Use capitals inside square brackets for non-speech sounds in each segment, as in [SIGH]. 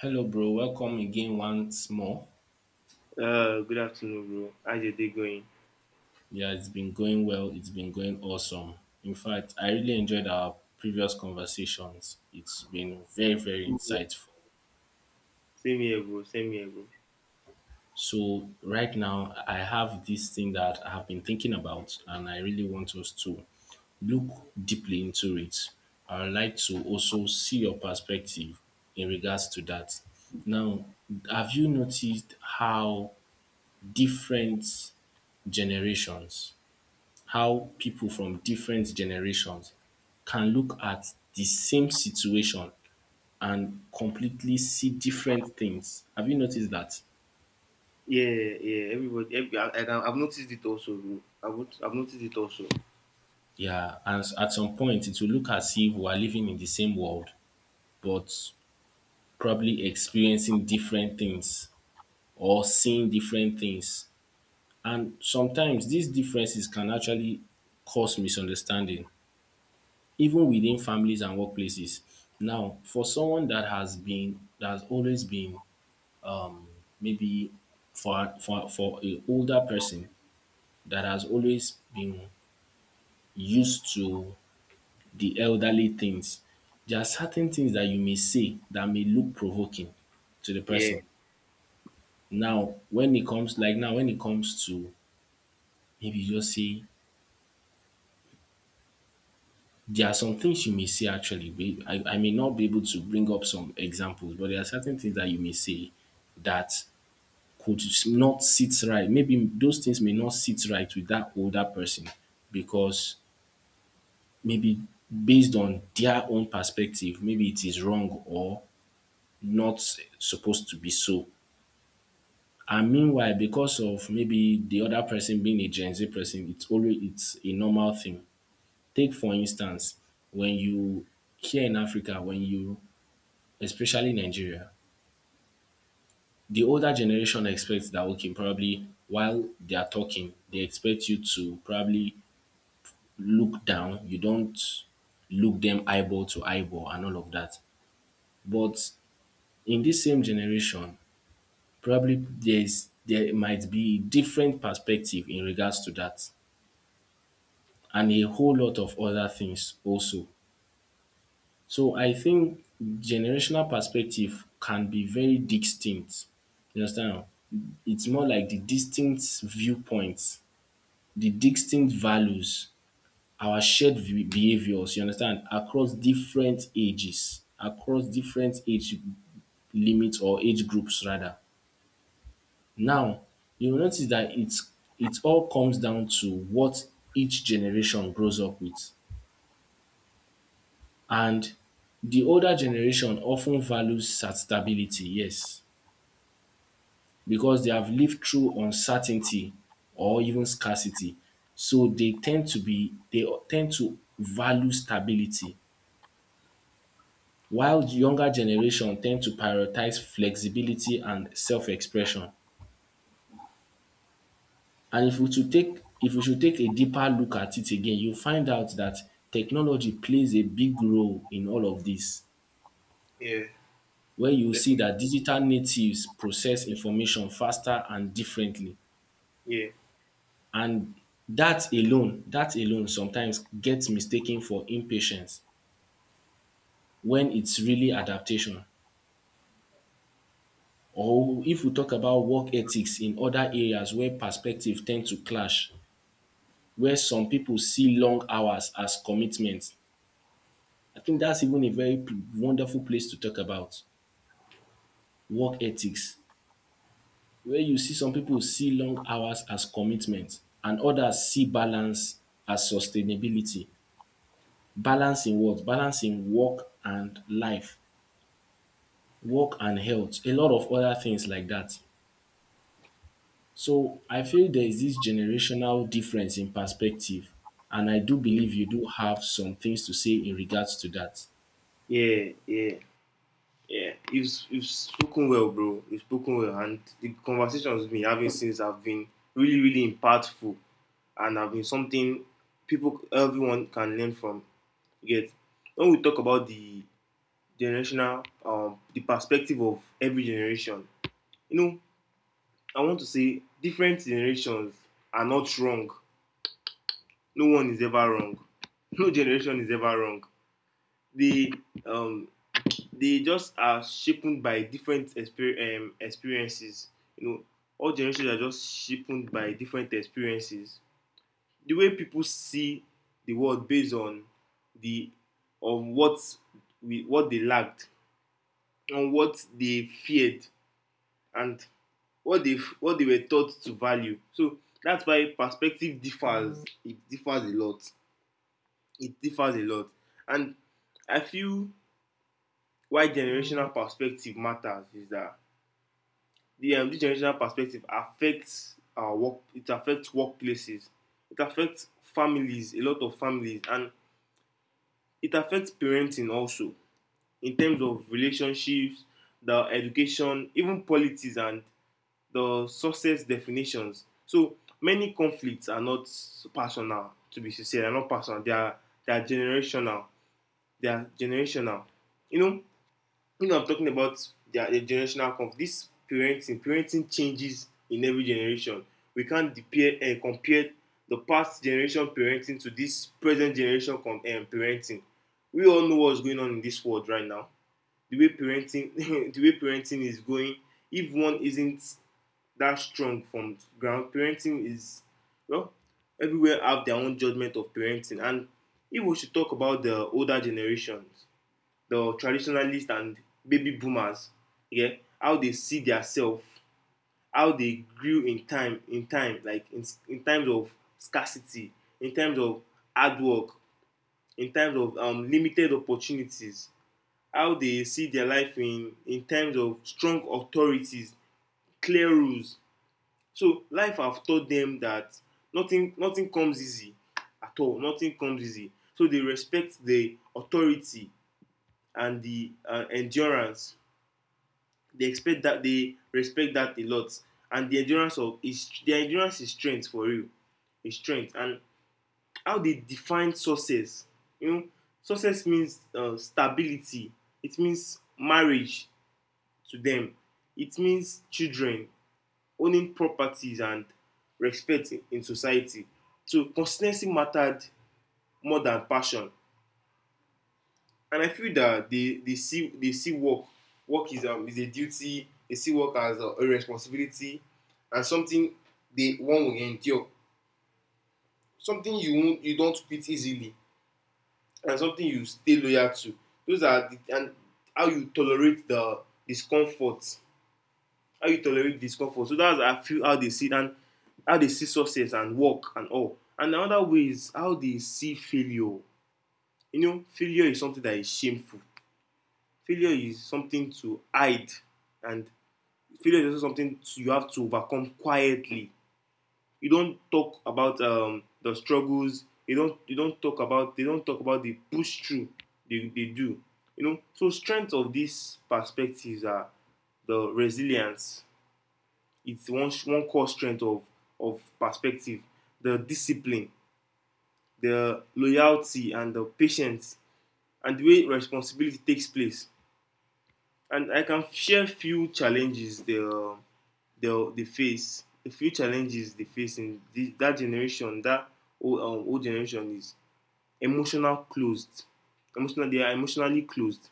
Hello, bro. Welcome again once more. Good afternoon, bro. How's your day going? Yeah, it's been going well. It's been going awesome. In fact, I really enjoyed our previous conversations. It's been very, very Mhm. insightful. Same here, bro. Same here, bro. So, right now, I have this thing that I have been thinking about, and I really want us to look deeply into it. I would like to also see your perspective in regards to that. Now, have you noticed how different generations how people from different generations can look at the same situation and completely see different things? Have you noticed that? Yeah, yeah. Everybody, every, I, I've noticed it also, bro. I've, not- I've noticed it also. Yeah, and at some point it will look as if we are living in the same world, but probably experiencing different things or seeing different things. And sometimes these differences can actually cause misunderstanding, even within families and workplaces. Now, for someone that has always been maybe for a older person that has always been used to the elderly things, there are certain things that you may say that may look provoking to the Yeah, person. Now, when it comes to maybe you just say there are some things you may say actually. I may not be able to bring up some examples, but there are certain things that you may say that could not sit right. Maybe those things may not sit right with that older person because maybe based on their own perspective, maybe it is wrong or not supposed to be so. And meanwhile, because of maybe the other person being a Gen Z person, it's a normal thing. Take for instance, when you here in Africa, when you especially Nigeria, the older generation expects that okay, probably while they are talking, they expect you to probably look down. You don't look them eyeball to eyeball and all of that. But in this same generation probably there might be different perspective in regards to that, and a whole lot of other things also. So I think generational perspective can be very distinct, you understand. It's more like the distinct viewpoints, the distinct values, our shared v behaviours, you understand, across different ages, across different age limits or age groups rather. Now, you will notice that it all comes down to what each generation grows up with. And the older generation often values stability, yes, because they have lived through uncertainty or even scarcity. So they tend to value stability while the younger generation tend to prioritize flexibility and self-expression. And if we should take a deeper look at it again, you'll find out that technology plays a big role in all of this, yeah, where you see definitely. that digital natives process information faster and differently. Yeah, And that alone sometimes gets mistaken for impatience when it's really adaptation. Or if we talk about work ethics in other areas where perspective tend to clash, where some people see long hours as commitment. I think that's even a very wonderful place to talk about work ethics, where you see some people see long hours as commitment and others see balance as sustainability. Balance in what? Balance in work and life, work and health, a lot of other things like that. So I feel there is this generational difference in perspective, and I do believe you do have some things to say in regards to that. yeah, yeah, yeah. You've spoken well, bro. You've spoken well, and the conversations we've been having since have been really, really impactful, and have been something people, everyone can learn from. You get, when we talk about the generational the perspective of every generation, you know, I want to say different generations are not wrong, no one is ever wrong, [LAUGHS] no generation is ever wrong. They um they just are shaped by different experiences, you know. All generations are just shaped by different experiences, the way people see the world based on the of what we what they lacked, on what they feared, and what they were taught to value. So that's why perspective differs. It differs a lot. It differs a lot. And I feel why generational perspective matters is that the generational perspective affects our work. It affects workplaces. It affects families. A lot of families. And it affects parenting also, in terms of relationships, the education, even politics and the success definitions. So many conflicts are not personal, to be sincere, they're not personal. They are, they are generational. They are generational. You know, you know I'm talking about the generational conflict. This parenting, parenting changes in every generation. We can't compare and compare the past generation parenting to this present generation parenting. We all know what's going on in this world right now. The way parenting, [LAUGHS] the way parenting is going. If one isn't that strong from ground, parenting is, well, everywhere have their own judgment of parenting. And if we should talk about the older generations, the traditionalists and baby boomers, yeah, how they see their, how they grew in time, like in times of scarcity, in times of hard work, in times of limited opportunities, how they see their life in terms of strong authorities, clear rules. So life have taught them that nothing comes easy at all. Nothing comes easy. So they respect the authority and the endurance. They expect that, they respect that a lot. And their endurance is strength for real. Is strength. And how they define success. You know, success means stability. It means marriage to them. It means children, owning properties and respect in society. So consistency mattered more than passion. And I feel that they see work. Work is a duty. They see work as a responsibility and something they one will endure. Something you don't quit easily and something you stay loyal to. Those are the, and how you tolerate the discomfort, how you tolerate discomfort. So that's, I feel, how they see it. And how they see success and work and all, and another way is how they see failure. You know, failure is something that is shameful, failure is something to hide, and failure is also something to, you have to overcome quietly. You don't talk about the struggles, you don't talk about, they don't talk about the push through. They do, you know. So strength of these perspectives are the resilience. It's one core strength of perspective, the discipline, the loyalty, and the patience, and the way responsibility takes place. And I can share few challenges they they face, a few challenges they face in that generation. That old, old generation is emotional closed. Emotional, they are emotionally closed.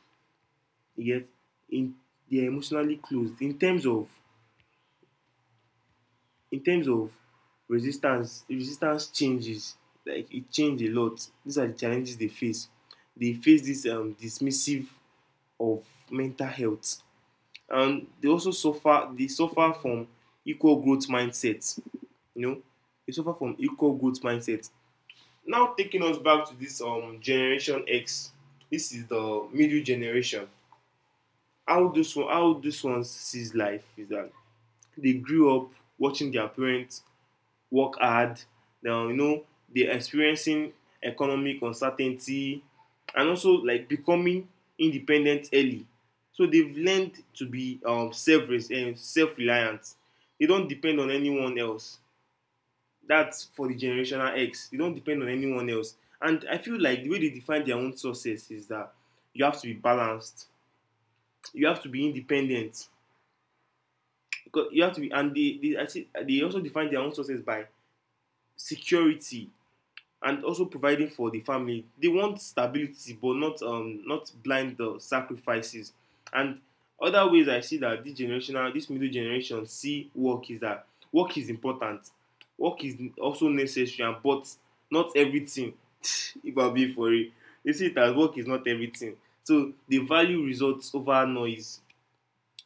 Yet, in they are emotionally closed in terms of, in terms of resistance changes. Like it change a lot. These are the challenges they face. They face this, dismissive of mental health. And they also suffer, they suffer from equal growth mindset. You know, they suffer from equal growth mindset. Now, taking us back to this, generation X, this is the middle generation. How this one, how this one sees life is that they grew up watching their parents work hard. Now, you know, they're experiencing economic uncertainty and also like becoming independent early. So they've learned to be self and self-reliant. They don't depend on anyone else. That's for the generational X. They don't depend on anyone else. And I feel like the way they define their own success is that you have to be balanced. You have to be independent. Because you have to be, and I see, they also define their own success by security and also providing for the family. They want stability, but not not blind sacrifices. And other ways I see that this generational, this middle generation see work is that work is important, work is also necessary, but not everything. [LAUGHS] If I be for it, they see it as work is not everything. So they value results over noise.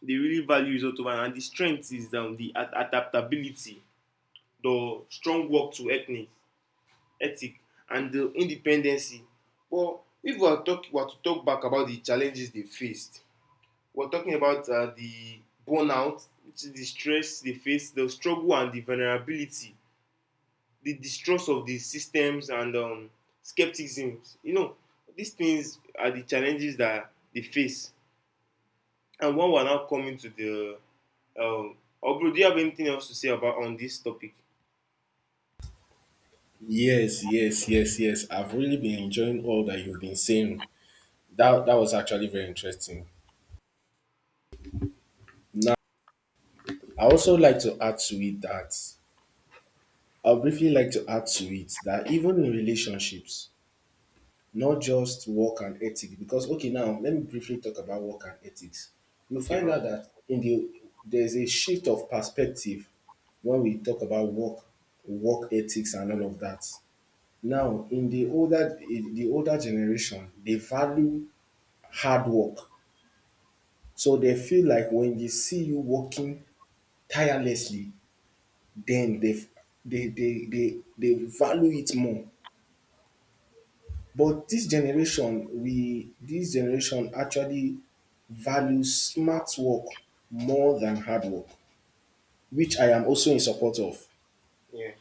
They really value results over. And the strength is, the adaptability, the strong work to ethnic ethic, and the independency. But if we are to talk back about the challenges they faced, we are talking about the burnout, which is the stress they faced, the struggle and the vulnerability, the distrust of the systems and, skepticism. You know, these things are the challenges that they face. And when we are now coming to the um, oh bro, do you have anything else to say about on this topic? Yes, yes, yes, yes. I've really been enjoying all that you've been saying. Yeah. That was actually very interesting. Now, I also like to add to it that I will briefly like to add to it that even in relationships, not just work and ethics, because okay, now let me briefly talk about work and ethics. You Okay, find bro. out that in the there's a shift of perspective when we talk about work, work ethics, and all of that. Now, in the older generation, they value hard work, so they feel like when they see you working tirelessly then they value it more. But this generation, we this generation actually values smart work more than hard work, which I am also in support of. Yeah.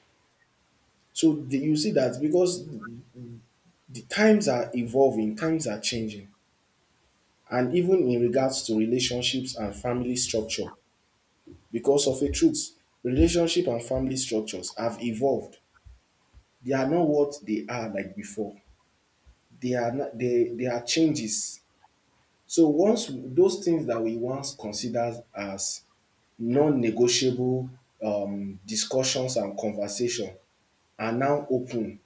You see that because the times are evolving, times are changing, and even in regards to relationships and family structure, because of a truth, relationship and family structures have evolved. They are not what they are like before. They are no- they There are changes. So those things that we once considered as non-negotiable discussions and conversation are now open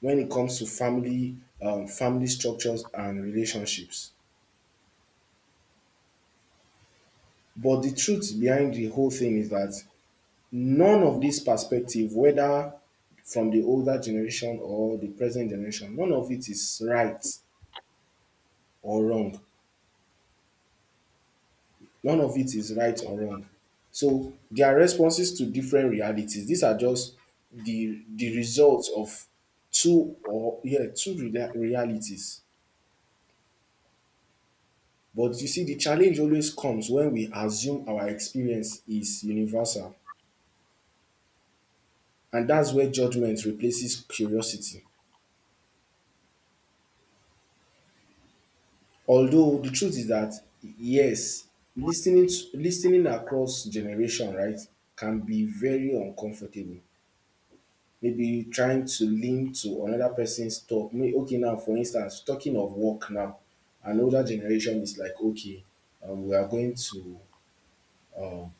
when it comes to family structures and relationships. But the truth behind the whole thing is that none of this perspective, whether from the older generation or the present generation, none of it is right or wrong. None of it is right or wrong. So their responses to different realities, these are just the results of two or yeah, two rea- realities. But you see, the challenge always comes when we assume our experience is universal. And that's where judgment replaces curiosity. Although the truth is that yes, listening across generation, right, can be very uncomfortable. Maybe trying to link to another person's talk. Okay, now for instance, talking of work now, an older generation is like, okay, um, we are going to, um,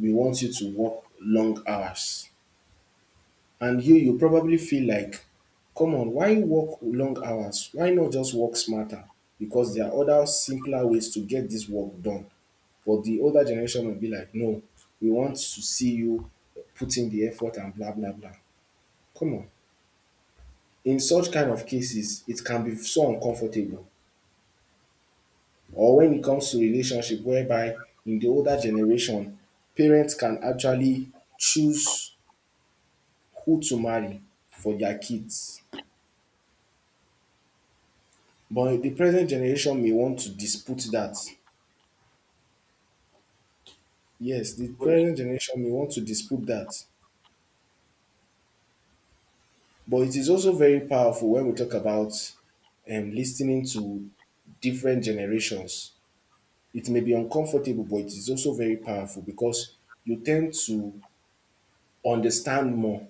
we want you to work long hours. And you probably feel like, come on, why work long hours? Why not just work smarter? Because there are other simpler ways to get this work done. But the older generation will be like, no, we want to see you putting the effort and blah, blah, blah. Come on. In such kind of cases it can be so uncomfortable, or when it comes to relationship whereby in the older generation parents can actually choose who to marry for their kids but the present generation may want to dispute that. Yes, the present generation may want to dispute that but it is also very powerful when we talk about listening to different generations. It may be uncomfortable but it is also very powerful because you tend to understand more.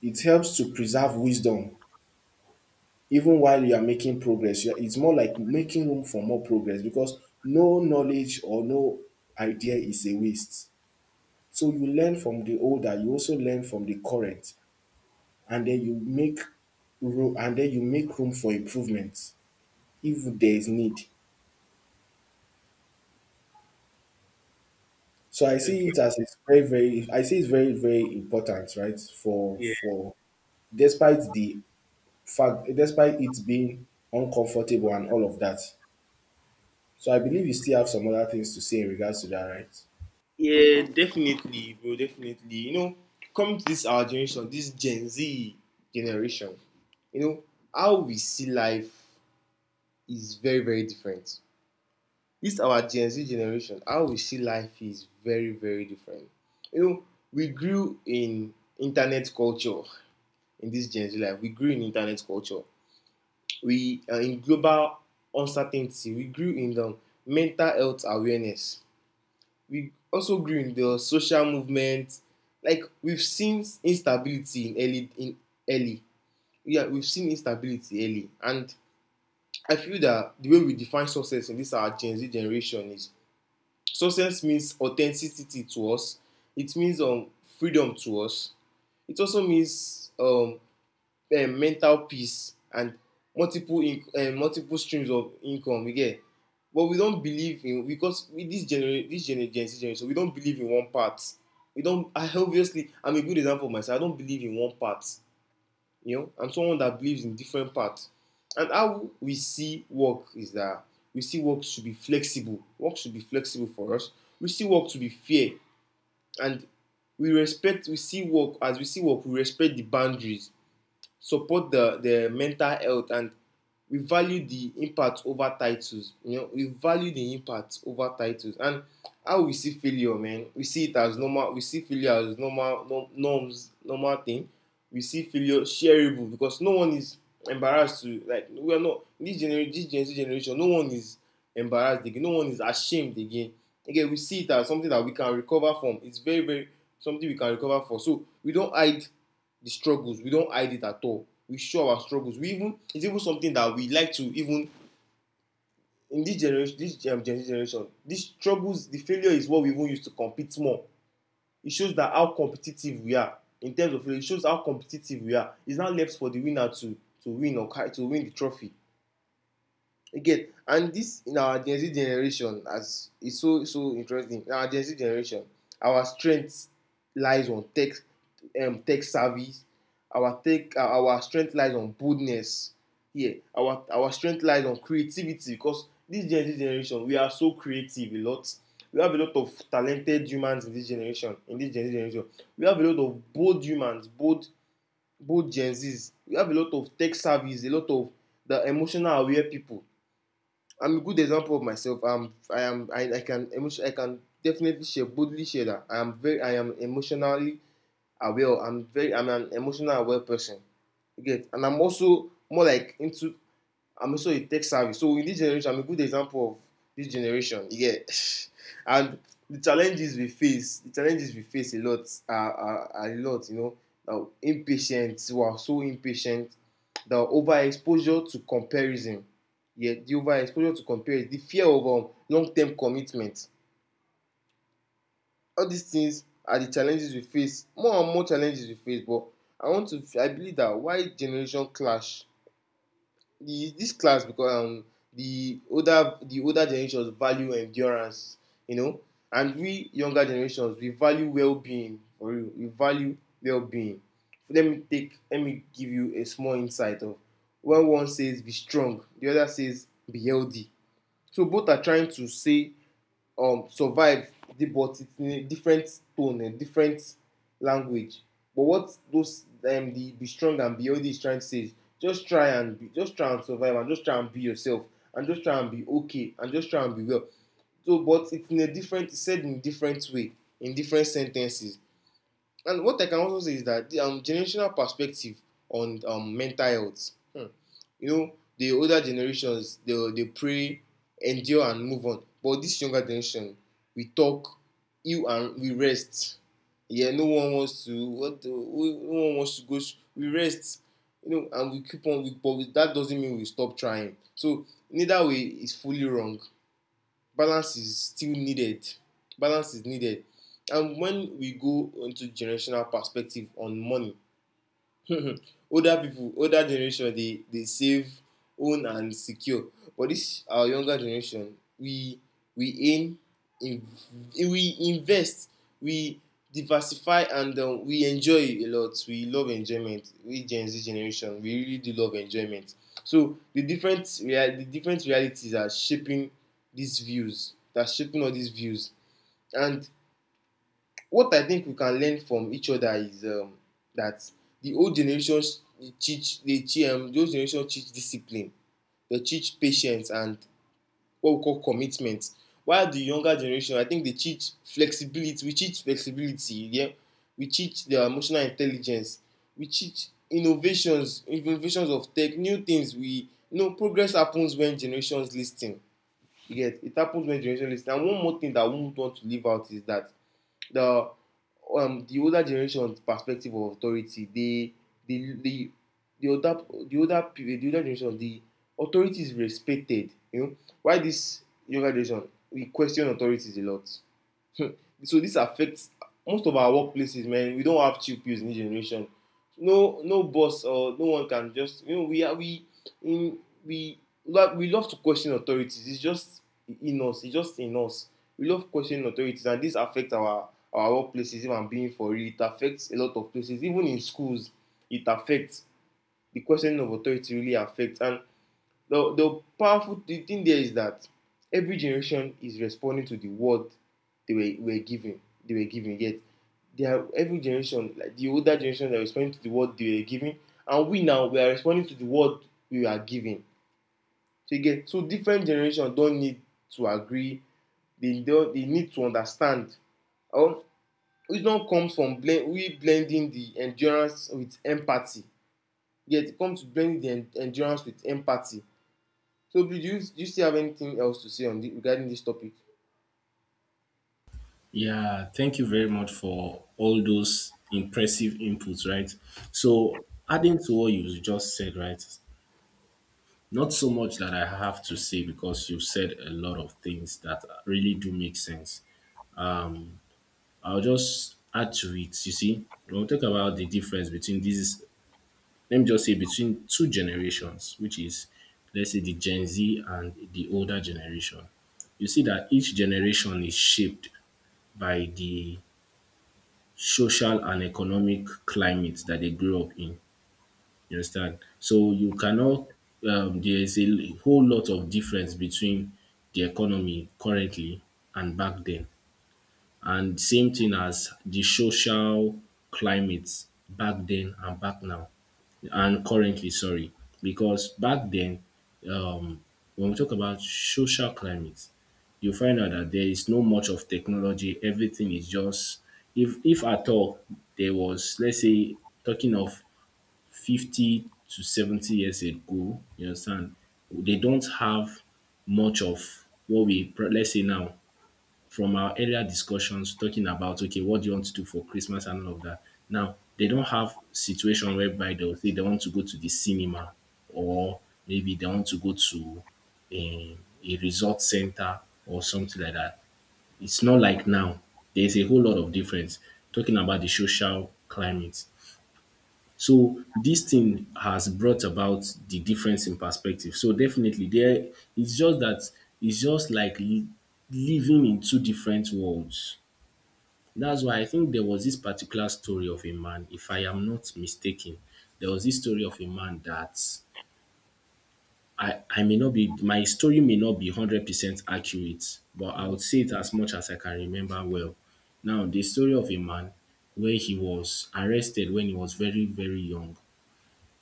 It helps to preserve wisdom even while you are making progress. You are, it's more like making room for more progress because no knowledge or no idea is a waste. So you learn from the older, you also learn from the current, and then you make room and then you make room for improvement if there is need. So Okay. I see it's very, very important, right? For Yeah. for despite the fact despite it being uncomfortable and all of that. So I believe you still have some other things to say in regards to that, right? Yeah, definitely, bro, definitely. You know, come to this our generation, this Gen Z generation, you know, how we see life is very, very different. This our Gen Z generation, how we see life is very, very different. You know, we grew in internet culture. In this Gen Z life, we grew in internet culture. We in global uncertainty. We grew in the mental health awareness. We also grew in the social movement. Like we've seen instability in early, in early. Yeah, we've seen instability early. And I feel that the way we define success in this our Gen Z generation is success means authenticity to us. It means freedom to us. It also means mental peace and multiple streams of income, you get. But we don't believe in, because with this Gen Z generation, so we don believe in one part. We don't. I obviously, I'm a good example of myself, I don't believe in one part. You know, I'm someone that believes in different parts. And how we see work is that we see work should be flexible, work should be flexible for us. We see work to be fair. And we respect we see work as we see work we respect the boundaries, support the mental health, and we value the impact over titles. You know, we value the impact over titles. And how we see failure, man, we see it as normal. We see failure as normal, no, norms normal thing. We see failure shareable, because no one is embarrassed to, like, we are not, this generation, this Gen Z generation, no one is embarrassed again, no one is ashamed again. Again, we see it as something that we can recover from. It's very, very, something we can recover for. So we don't hide the struggles, we don't hide it at all, we show our struggles. We even, it's even something that we like to even, in this generation, this Gen Z generation, these struggles, the failure is what we even use to compete more. It shows that how competitive we are. In terms of failure, it shows how competitive we are. It's now left for the winner to win or carry, to win the trophy. Again, and this in our Gen Z generation as e, so so interesting. In our Gen Z generation, our strength lies on tech, tech service. Our tech, our strength lies on boldness. Yeah, our strength lies on creativity. Because this Gen Z generation, we are so creative a lot. We have a lot of talented humans in this generation, in this Gen Z generation. We have a lot of bold humans, bold, bold Gen Z's. We have a lot of tech savvies, a lot of the emotional aware people. I'm a good example of myself. I'm, I am, I can, emotion, I can definitely share, boldly share that I am emotionally aware. I'm very, I'm an emotional aware person. You get. And I'm also more like into, I'm also a tech savvy. So in this generation, I'm a good example of this generation. You get [LAUGHS] and the challenges we face, a lot are a lot, Now impatient, we are so impatient. The overexposure to comparison. Yeah, the overexposure to comparison, the fear of long-term commitment. All these things are the challenges we face. More and more challenges we face, but I want to I believe that why generation clash, the this class because the older generations value endurance, you know and we younger generations, we value well-being. For real, we value well-being. So let me give you a small insight of when one says be strong, the other says be healthy. So both are trying to say, survive. But it's in a different tone and different language. But what those the be strong and be healthy is trying to say is just try and survive, and just try and be yourself, and just try and be okay, and just try and be well. So, but it's in a different, it's said in a different way, in different sentences. And what I can also say is that the generational perspective on mental health. Hmm. The older generations, they pray, endure and move on. But this younger generation, we talk, you and we rest. Yeah, no one wants to what the, who- no one wants to go. We rest, and we keep on. But that doesn't mean we stop trying. So neither way is fully wrong. Balance is still needed. Balance is needed. And when we go into generational perspective on money, [LAUGHS] older generation, they save, own and secure. But this our younger generation, we aim, in we invest, we diversify, and we enjoy a lot. We love enjoyment. We Gen Z generation, we really do love enjoyment. So the different realities are shaping these views, that shaping all these views. And what I think we can learn from each other is that the old generations teach, they teach the old teach discipline, they teach patience, and what we call commitment. While the younger generation, I think they teach flexibility. We teach flexibility. Yeah, we teach their emotional intelligence. We teach innovations, of tech, new things. We progress happens when generations listen. You get, it happens when generations listen. And one more thing that I won't want to leave out is that the the older generation's perspective of authority, they the the the older the older the older generation, the authority is respected, why this younger generation, we question authorities a lot. [LAUGHS] So this affects most of our workplaces, man. We don't have chill pills in this generation. No boss or no one can just, we are we in we we love to question authorities. It's just in us. It's just in us. We love questioning authorities, and this affects our workplaces. If I'm being for real, it affects a lot of places, even in schools. It affects the questioning of authority really affects. And the powerful thing there is that every generation is responding to the word they were given. They were given. Yet they are, every generation, like the older generation, they are responding to the word they were given. And we now we are responding to the word we are given. So again, different generations don't need to agree. They don't. They need to understand um wisdom comes from blending the endurance with empathy. Yet it comes to blending the en endurance with empathy. So, do you still have anything else to say on regarding this topic? Yeah, thank you very much for all those impressive inputs, right? So, adding to what you just said, right? Not so much that I have to say because you said a lot of things that really do make sense. Um, I'll just add to it. You see, we'll talk about the difference between these, let me just say, between two generations, which is, let's say, the Gen Z and the older generation. You see that each generation is shaped by the social and economic climate that they grew up in. You understand? So you cannot, There is a whole lot of difference between the economy currently and back then. And same thing as the social climate back then and back now and currently, sorry, because back then, um, when we talk about social climate, you find out that there is no much of technology. Everything is just, if at all, there was, let's say, talking of 50 to 70 years ago. You understand? They don't have much of what we, let's say now, from our earlier discussions talking about okay, what do you want to do for Christmas and all of that. Now they don't have situation whereby they'll say they want to go to the cinema or maybe they want to go to a, a resort center or something like that. It's not like now. There's a whole lot of difference talking about the social climate. So this thing has brought about the difference in perspective. So definitely there it's just that it's just like living in two different worlds. That's why I think there was this particular story of a man, if I am not mistaken, there was this story of a man that I may not be, my story may not be 100% accurate, but I Mhm. would say it as much as I can remember well. Now, the story of a man where he was arrested when he was very, very young.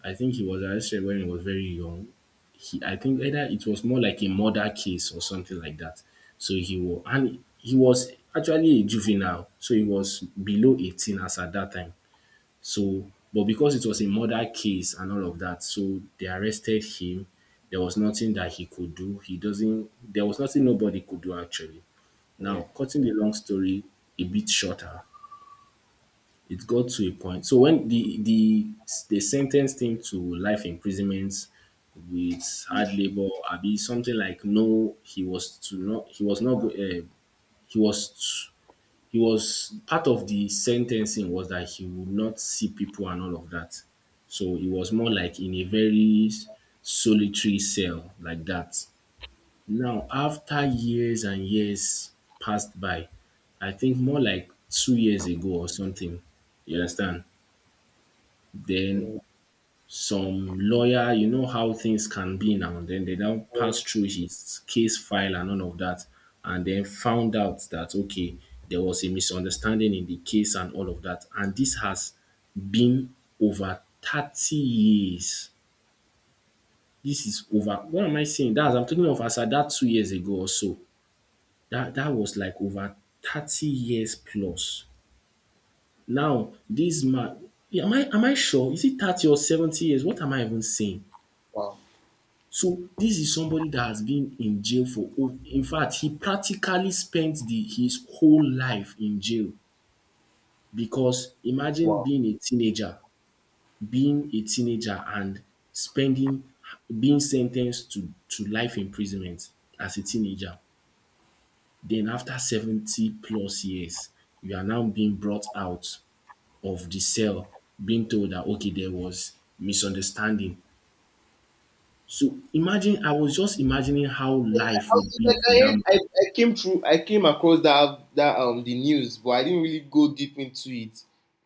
I think he was arrested when he was very young. I think either it was more like a murder case or something like that. And he was actually a juvenile, so he was below 18 as at that time. So, but because it was a murder case and all of that, so they arrested him. There was nothing that he could do. He doesn't, There was nothing nobody could do actually. Yeah. Now, cutting the long story a bit shorter, it got to a point, so when they sentenced him to life imprisonment with hard labor, abi something like no, he was to not he was not he was t- he was part of the sentencing was that he would not see people and all of that. So he was more like in a very solitary cell like that. Now, after years and years passed by, I think more like 2 years ago or something, you understand? Then Yeah. some lawyer, you know how things can be now, then they now Uh, pass through his case file and all of that, and then found out that, okay, there was a misunderstanding in the case and all of that. And this has been over 30 years. This is over What am I saying? That I'm talking of as at that 2 years ago or so. That was like over 30 years plus. Now, this man am I sure? Is it 30 or 70 years? What am I even saying? Wow. So this is somebody that has been in jail. In fact, he practically spent his whole life in jail, because imagine Wow. being a teenager, being a teenager and spending being sentenced to to life imprisonment as a teenager. Then after 70 plus years you are now being brought out of the cell, being told that, okay, there was misunderstanding. So imagine, I was just imagining how life would be Like, for dat. I came through. I came across that the news, but I didn't really go deep into it,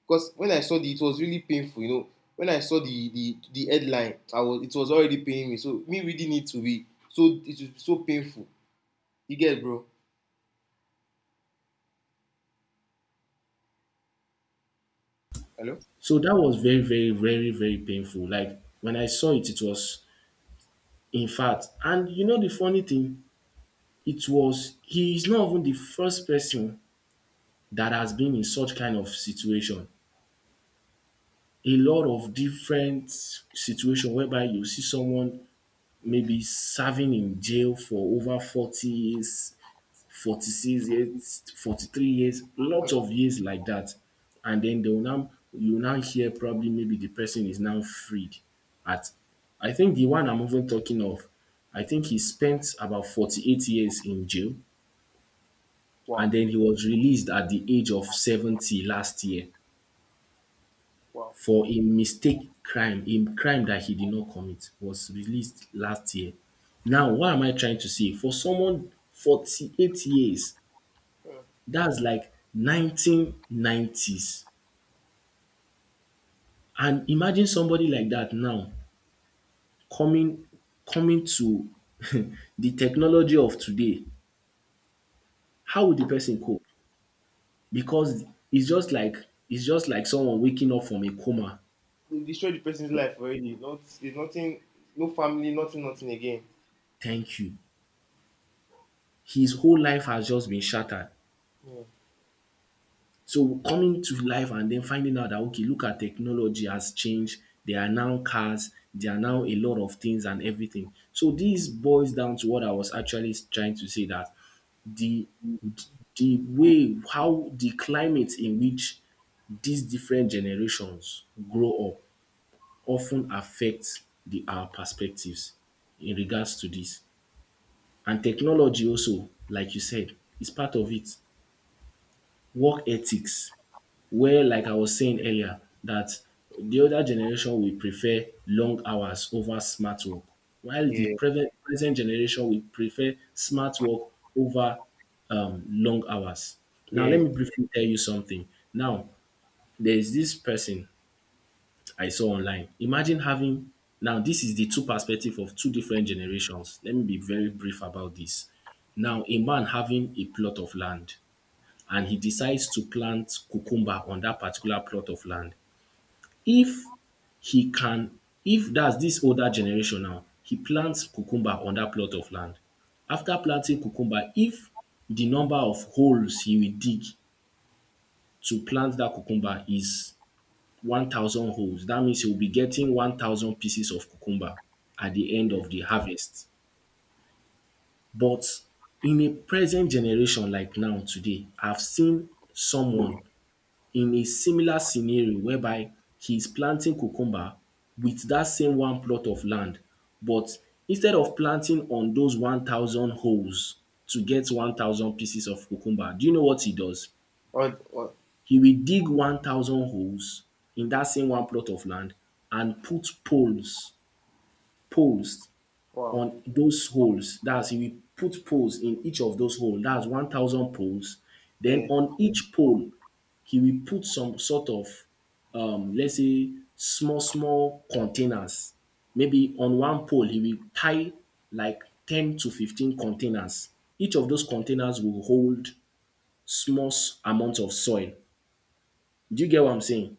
because when I saw it was really painful. When I saw the headline, I was it was already paining me. So me reading it, to be so, it was so painful. You get, it, bro? Hello. So that was very, very, very, very painful. Like when I saw it, it was, in fact, and you know the funny thing, it was he is not even the first person that has been in such kind of situation. A lot of different situation whereby you see someone maybe serving in jail for over 40 years, 46 years, 43 years, Hmm. lots of years like that. And then you will now hear probably maybe the person is now freed at, I think the one I'm even talking of, I think he spent about 48 years in jail, and Wow. then he was released at the age of 70 last year. For a crime that he did not commit, was released last year. Now, what am I trying to say? For someone 48 years, that's like 1990s, and imagine somebody like that now coming to [LAUGHS] the technology of today. How would the person cope? Because its just like its just like someone waking up from a coma. They destroyed the person's life already. Not, there's nothing, no family, nothing, nothing again. Thank you. His whole life has just been shattered. Yeah. So coming to life and then finding out that, okay, look at, technology has changed. There are now cars, there are now a lot of things and everything. So this boils down to what I was actually trying to say, that the the way how the climate in which these different generations grow up often affects the our perspectives in regards to this. And technology also, like you said, is part of it. Work ethics, where, like I was saying earlier, that the older generation will prefer long hours over smart work, while the Yeah. Present generation will prefer smart work over long hours. Now, let Yeah, me briefly tell you something. Now, there's this person I saw online. Now, this is the two perspective of two different generations. Let me be very brief about this. Now, a man having a plot of land and he decides to plant cucumber on that particular plot of land. If he can if dats dis older generation, now he plants cucumber on dat plot of land. After planting cucumber, if the number of holes he will dig to plant dat cucumber is 1,000 holes, dat means he will be getting 1,000 pieces of cucumber at the end yeah. of the harvest. But in a present generation like now, today I've seen someone in a similar scenario whereby he is planting cucumber with that same one plot of land, but instead of planting on those 1,000 holes to get 1,000 pieces of cucumber, do you know what he does? Or, He will dig 1,000 holes in that same one plot of land and put poles wow, on those holes. That is, he will put poles in each of those holes. That is, 1,000 poles. yeah. Then, on each pole he will put some sort of, let's say, small, small containers. Maybe on one pole, he will tie like 10 to 15 containers. Each of those containers will hold amount of soil. Do you get what I'm saying?